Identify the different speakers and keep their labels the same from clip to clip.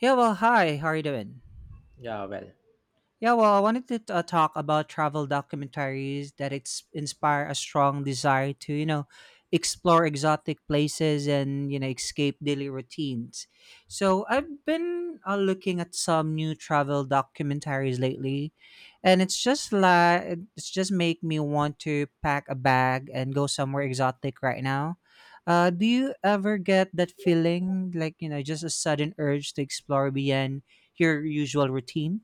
Speaker 1: Yeah, well, hi. How are you doing?
Speaker 2: Yeah, well,
Speaker 1: Yeah, well, I wanted to talk about travel documentaries that inspire a strong desire to, you know, explore exotic places and, you know, escape daily routines. So I've been looking at some new travel documentaries lately, and it's just like it's just make me want to pack a bag and go somewhere exotic right now. Do you ever get that feeling, like you know, just a sudden urge to explore beyond your usual routine?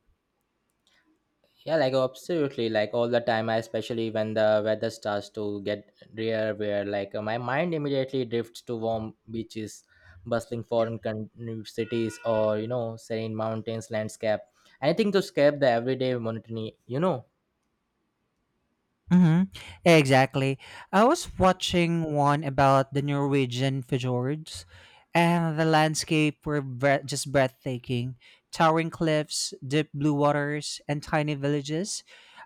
Speaker 2: yeah, like absolutely, like all the time, I especially when the weather starts to get drear, where my mind immediately drifts to warm beaches, bustling new cities, or you know, serene mountains landscape, anything to escape the everyday monotony.
Speaker 1: Mm-hmm. Exactly. I was watching one about the Norwegian fjords, and the landscape were just breathtaking, towering cliffs, deep blue waters, and tiny villages,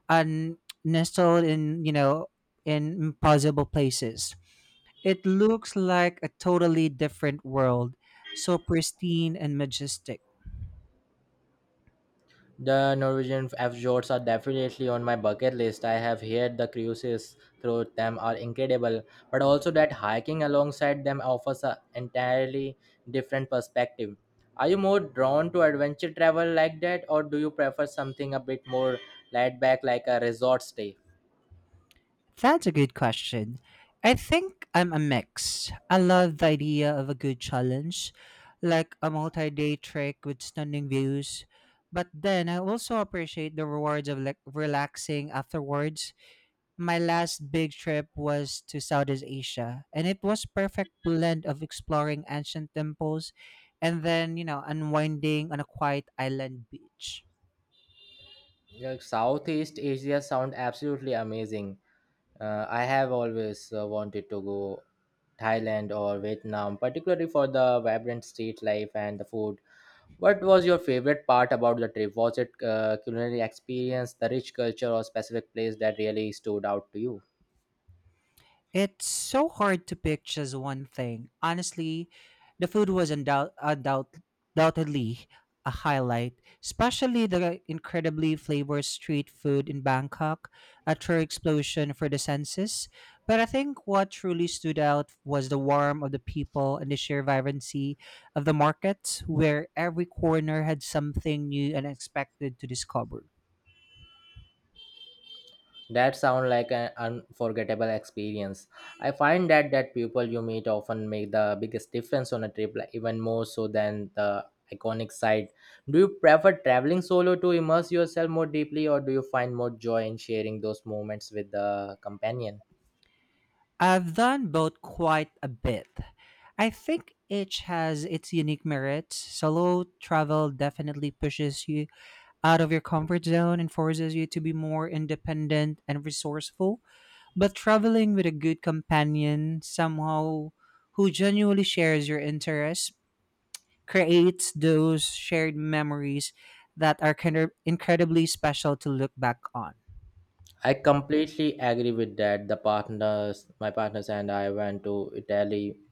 Speaker 1: and nestled in, you know, in impossible places. It looks like a totally different world, so pristine and majestic.
Speaker 2: The Norwegian fjords are definitely on my bucket list. I have heard the cruises through them are incredible, but also that hiking alongside them offers an entirely different perspective. Are you more drawn to adventure travel like that, or do you prefer something a bit more laid back like a resort stay?
Speaker 1: That's a good question. I think I'm a mix. I love the idea of a good challenge, like a multi day trek with stunning views. But then I also appreciate the rewards of like relaxing afterwards. My last big trip was to Southeast Asia, and it was perfect blend of exploring ancient temples and then, you know, unwinding on a quiet island beach.
Speaker 2: Like, Southeast Asia sound absolutely amazing. I have always wanted to go Thailand or Vietnam, particularly for the vibrant street life and the food. What was your favorite part about the trip? Was it culinary experience, the rich culture, or specific place that really stood out to you?
Speaker 1: It's so hard to pick just one thing. Honestly, the food was undoubtedly a highlight, especially the incredibly flavored street food in Bangkok, a true explosion for the senses. But I think what truly stood out was the warmth of the people and the sheer vibrancy of the markets, where every corner had something new and unexpected to discover.
Speaker 2: That sounds like an unforgettable experience. I find that people you meet often make the biggest difference on a trip, like even more so than the iconic site. Do you prefer traveling solo to immerse yourself more deeply, or do you find more joy in sharing those moments with the companion?
Speaker 1: I've done both quite a bit. I think each has its unique merits. Solo travel definitely pushes you out of your comfort zone and forces you to be more independent and resourceful. But traveling with a good companion, somehow who genuinely shares your interests, creates those shared memories that are kind of incredibly special to look back on.
Speaker 2: I completely agree with that. My partners and I went to Italy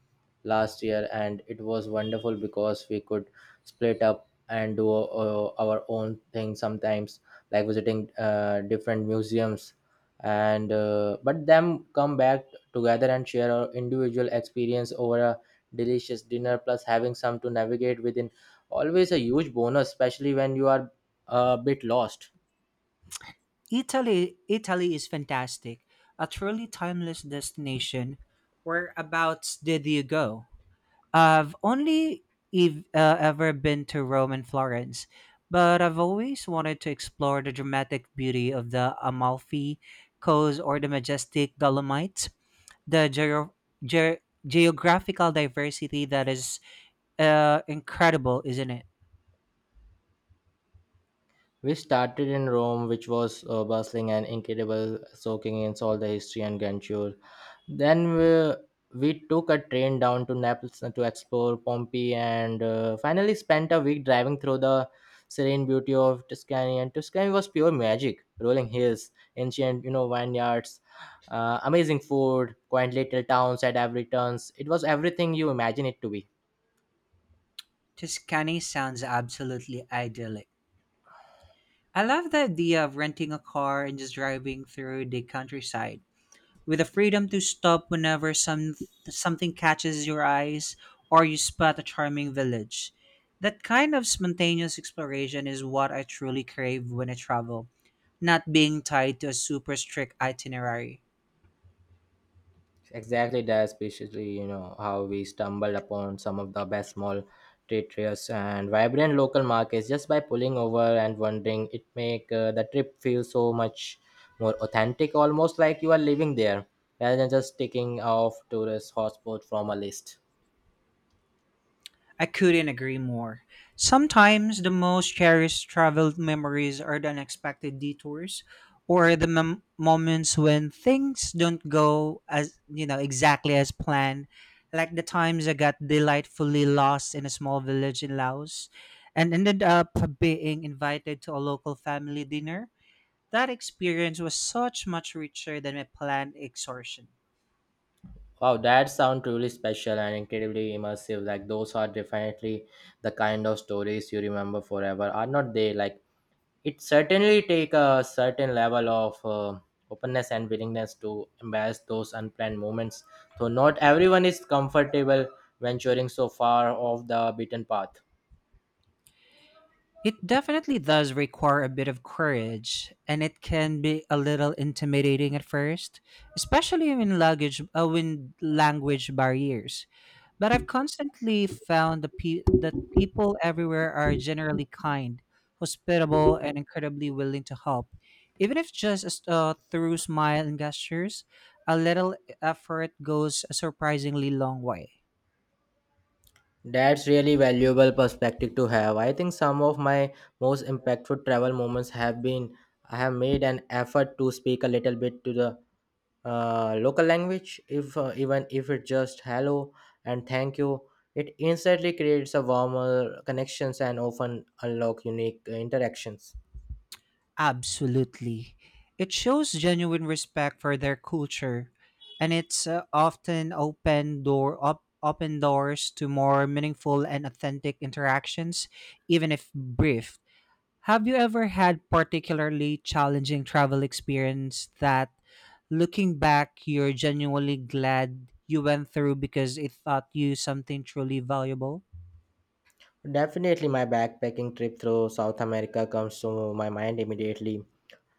Speaker 2: last year, and it was wonderful because we could split up and do our own thing sometimes, like visiting different museums, and but them come back together and share our individual experience over a delicious dinner, plus having some to navigate within. Always a huge bonus, especially when you are a bit lost.
Speaker 1: Italy is fantastic. A truly timeless destination. Whereabouts did you go? I've only ever been to Rome and Florence, but I've always wanted to explore the dramatic beauty of the Amalfi Coast or the majestic Dolomites. The ge- geographical diversity that is incredible, isn't it?
Speaker 2: We started in Rome, which was bustling and incredible, soaking in all the history and grandeur. Then we took a train down to Naples to explore Pompeii and finally spent a week driving through the serene beauty of Tuscany. And Tuscany was pure magic, rolling hills, ancient you know vineyards, amazing food, quaint little towns at every turns. It was everything you imagine it to be.
Speaker 1: Tuscany sounds absolutely idyllic. I love the idea of renting a car and just driving through the countryside with the freedom to stop whenever something catches your eyes or you spot a charming village. That kind of spontaneous exploration is what I truly crave when I travel, not being tied to a super strict itinerary.
Speaker 2: Exactly that, especially you know how we stumbled upon some of the best small traitorous and vibrant local markets just by pulling over and wondering. It make the trip feel so much more authentic, almost like you are living there, rather than just ticking off tourist hotspot from a list.
Speaker 1: I couldn't agree more. Sometimes the most cherished travel memories are the unexpected detours or the moments when things don't go as, you know, exactly as planned, like the times I got delightfully lost in a small village in Laos and ended up being invited to a local family dinner. That experience was such much richer than my planned exhaustion.
Speaker 2: Wow, that sounds truly special and incredibly immersive. Like those are definitely the kind of stories you remember forever, are not they? Like it certainly take a certain level of openness and willingness to embrace those unplanned moments though not everyone is comfortable venturing so far off the beaten path.
Speaker 1: It definitely does require a bit of courage, and it can be a little intimidating at first, especially when luggage, when language barriers. But I've constantly found that people everywhere are generally kind, hospitable, and incredibly willing to help, even if just through smile and gestures. A little effort goes a surprisingly long way.
Speaker 2: That's really valuable perspective to have. I think some of my most impactful travel moments have been I have made an effort to speak a little bit to the local language, if even if it just hello and thank you, it instantly creates a warmer connections and often unlock unique interactions.
Speaker 1: Absolutely. It shows genuine respect for their culture, and it's often open doors to more meaningful and authentic interactions, even if brief. Have you ever had particularly challenging travel experience that looking back you're genuinely glad you went through because it taught you something truly valuable?
Speaker 2: Definitely, my backpacking trip through South America comes to my mind immediately.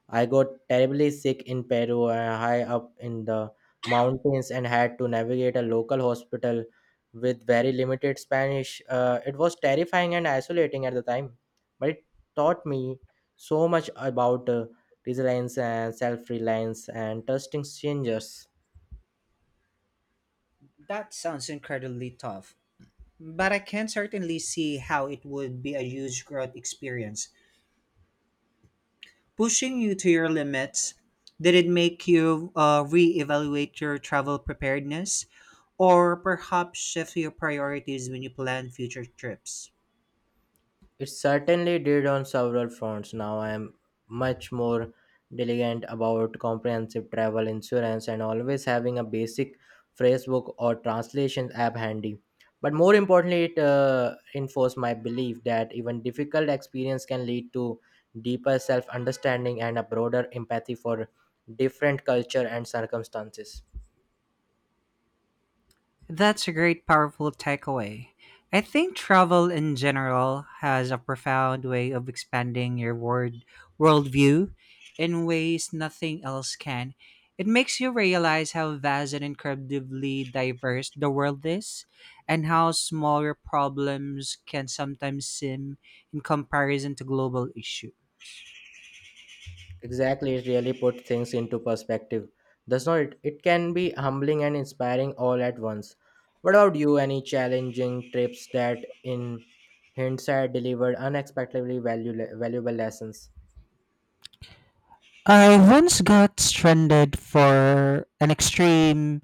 Speaker 2: I got terribly sick in Peru, high up in the mountains, and had to navigate a local hospital with very limited Spanish. It was terrifying and isolating at the time, but it taught me so much about resilience and self reliance and trusting strangers.
Speaker 1: That sounds incredibly tough, but I can certainly see how it would be a huge growth experience. Pushing you to your limits, did it make you reevaluate your travel preparedness or perhaps shift your priorities when you plan future trips?
Speaker 2: It certainly did on several fronts. Now I am much more diligent about comprehensive travel insurance and always having a basic phrasebook or translation app handy. But more importantly, it enforced my belief that even difficult experience can lead to deeper self understanding and a broader empathy for different culture and circumstances.
Speaker 1: That's a great, powerful takeaway. I think travel in general has a profound way of expanding your worldview in ways nothing else can. It makes you realize how vast and incredibly diverse the world is, and how small your problems can sometimes seem in comparison to global issues.
Speaker 2: Exactly, it really put things into perspective, does not it? It can be humbling and inspiring all at once. What about you? Any challenging trips that, in hindsight, delivered unexpectedly valuable lessons?
Speaker 1: I once got stranded for an extreme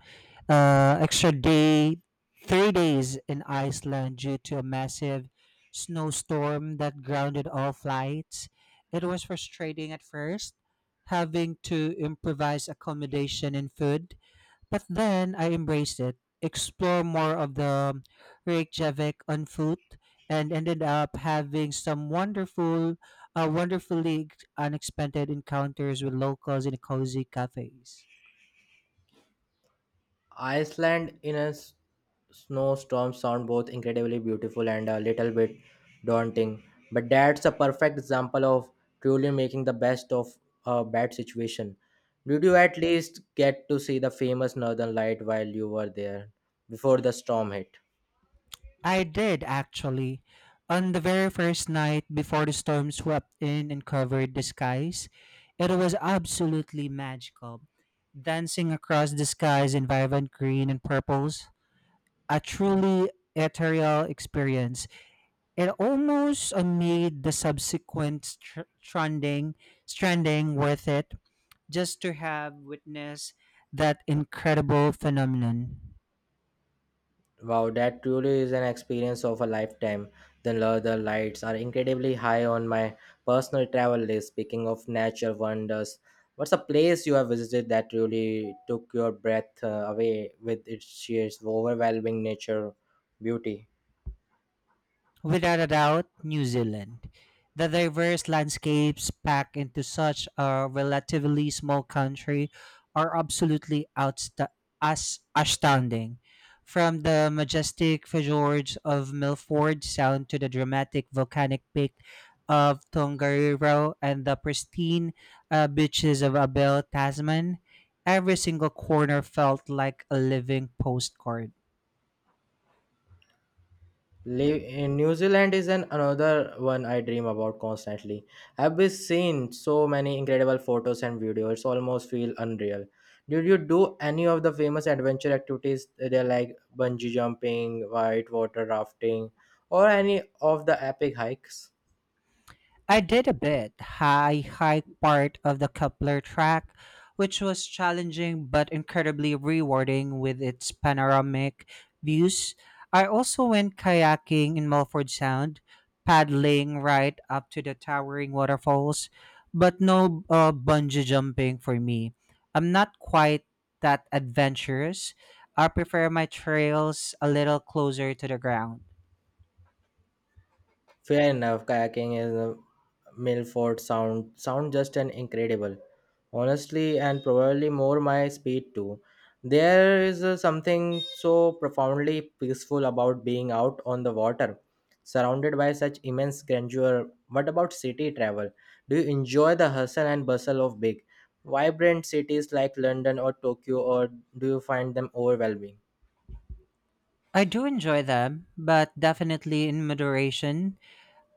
Speaker 1: extra day, 3 days in Iceland due to a massive snowstorm that grounded all flights. It was frustrating at first, having to improvise accommodation and food, but then I embraced it, explore more of the Reykjavik on foot, and ended up having some wonderfully unexpected encounters with locals in cozy cafes.
Speaker 2: Iceland in a snowstorm sound both incredibly beautiful and a little bit daunting, but that's a perfect example of truly making the best of a bad situation. Did you at least get to see the famous Northern Light while you were there before the storm hit?
Speaker 1: I did actually. On the very first night before the storm swept in and covered the skies, it was absolutely magical. Dancing across the skies in vibrant green and purples, a truly ethereal experience. It almost made the subsequent stranding worth it just to have witnessed that incredible phenomenon.
Speaker 2: Wow, that truly is an experience of a lifetime. The Northern lights are incredibly high on my personal travel list. Speaking of nature wonders, what's a place you have visited that really took your breath away with its sheer overwhelming nature beauty?
Speaker 1: Without a doubt, New Zealand. The diverse landscapes packed into such a relatively small country are absolutely astounding. From the majestic fjords of Milford Sound to the dramatic volcanic peak of Tongariro and the pristine beaches of Abel Tasman, every single corner felt like a living postcard.
Speaker 2: Live in New Zealand is an another one I dream about constantly. I've been seen so many incredible photos and videos. It's almost feel unreal. Did you do any of the famous adventure activities there like bungee jumping, white water rafting, or any of the epic hikes?
Speaker 1: I did a bit. I hiked part of the Kepler track, which was challenging but incredibly rewarding with its panoramic views. I also went kayaking in Milford Sound, paddling right up to the towering waterfalls, but no bungee jumping for me. I'm not quite that adventurous. I prefer my trails a little closer to the ground.
Speaker 2: Fair enough, kayaking in the Milford Sound sound just an incredible, honestly, and probably more my speed too. There is something so profoundly peaceful about being out on the water, surrounded by such immense grandeur. What about city travel? Do you enjoy the hustle and bustle of big, vibrant cities like London or Tokyo, or do you find them overwhelming?
Speaker 1: I do enjoy them, but definitely in moderation.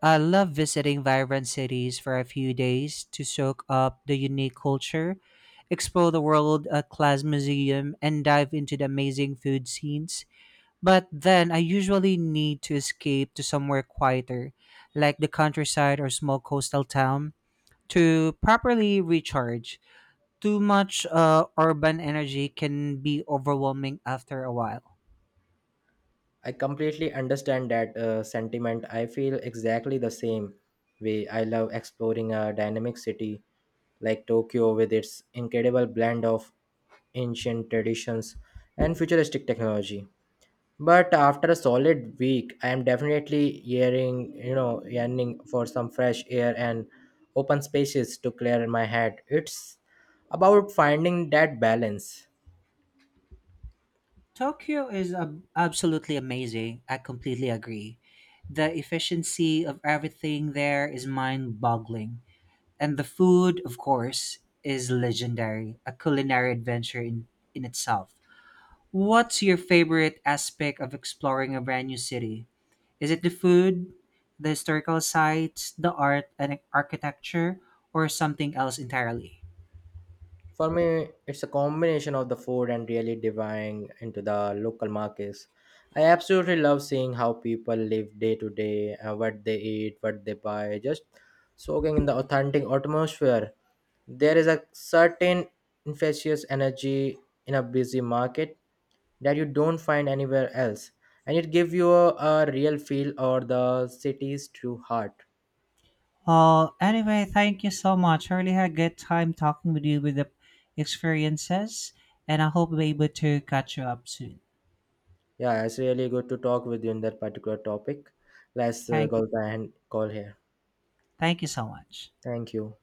Speaker 1: I love visiting vibrant cities for a few days to soak up the unique culture, explore the world class museum, and dive into the amazing food scenes. But then I usually need to escape to somewhere quieter, like the countryside or small coastal town, to properly recharge. Too much urban energy can be overwhelming after a while.
Speaker 2: I completely understand that sentiment. I feel exactly the same way. I love exploring a dynamic city like Tokyo with its incredible blend of ancient traditions and futuristic technology. But after a solid week, I am definitely yearning for some fresh air and open spaces to clear my head. It's about finding that balance.
Speaker 1: Tokyo is absolutely amazing. I completely agree. The efficiency of everything there is mind boggling. And the food, of course, is legendary, a culinary adventure in itself. What's your favorite aspect of exploring a brand new city? Is it the food, the historical sites, the art and architecture, or something else entirely?
Speaker 2: For me, it's a combination of the food and really diving into the local markets. I absolutely love seeing how people live day to day, what they eat, what they buy, just soaking in the authentic atmosphere. There is a certain infectious energy in a busy market that you don't find anywhere else, and it gives you a real feel or the city's true heart.
Speaker 1: Anyway, thank you so much. I really had a good time talking with you with the experiences, and I hope we're able to catch you up soon.
Speaker 2: Yeah, it's really good to talk with you in that particular topic. Let's
Speaker 1: Thank you.
Speaker 2: go ahead and call here.
Speaker 1: Thank you so much.
Speaker 2: Thank you.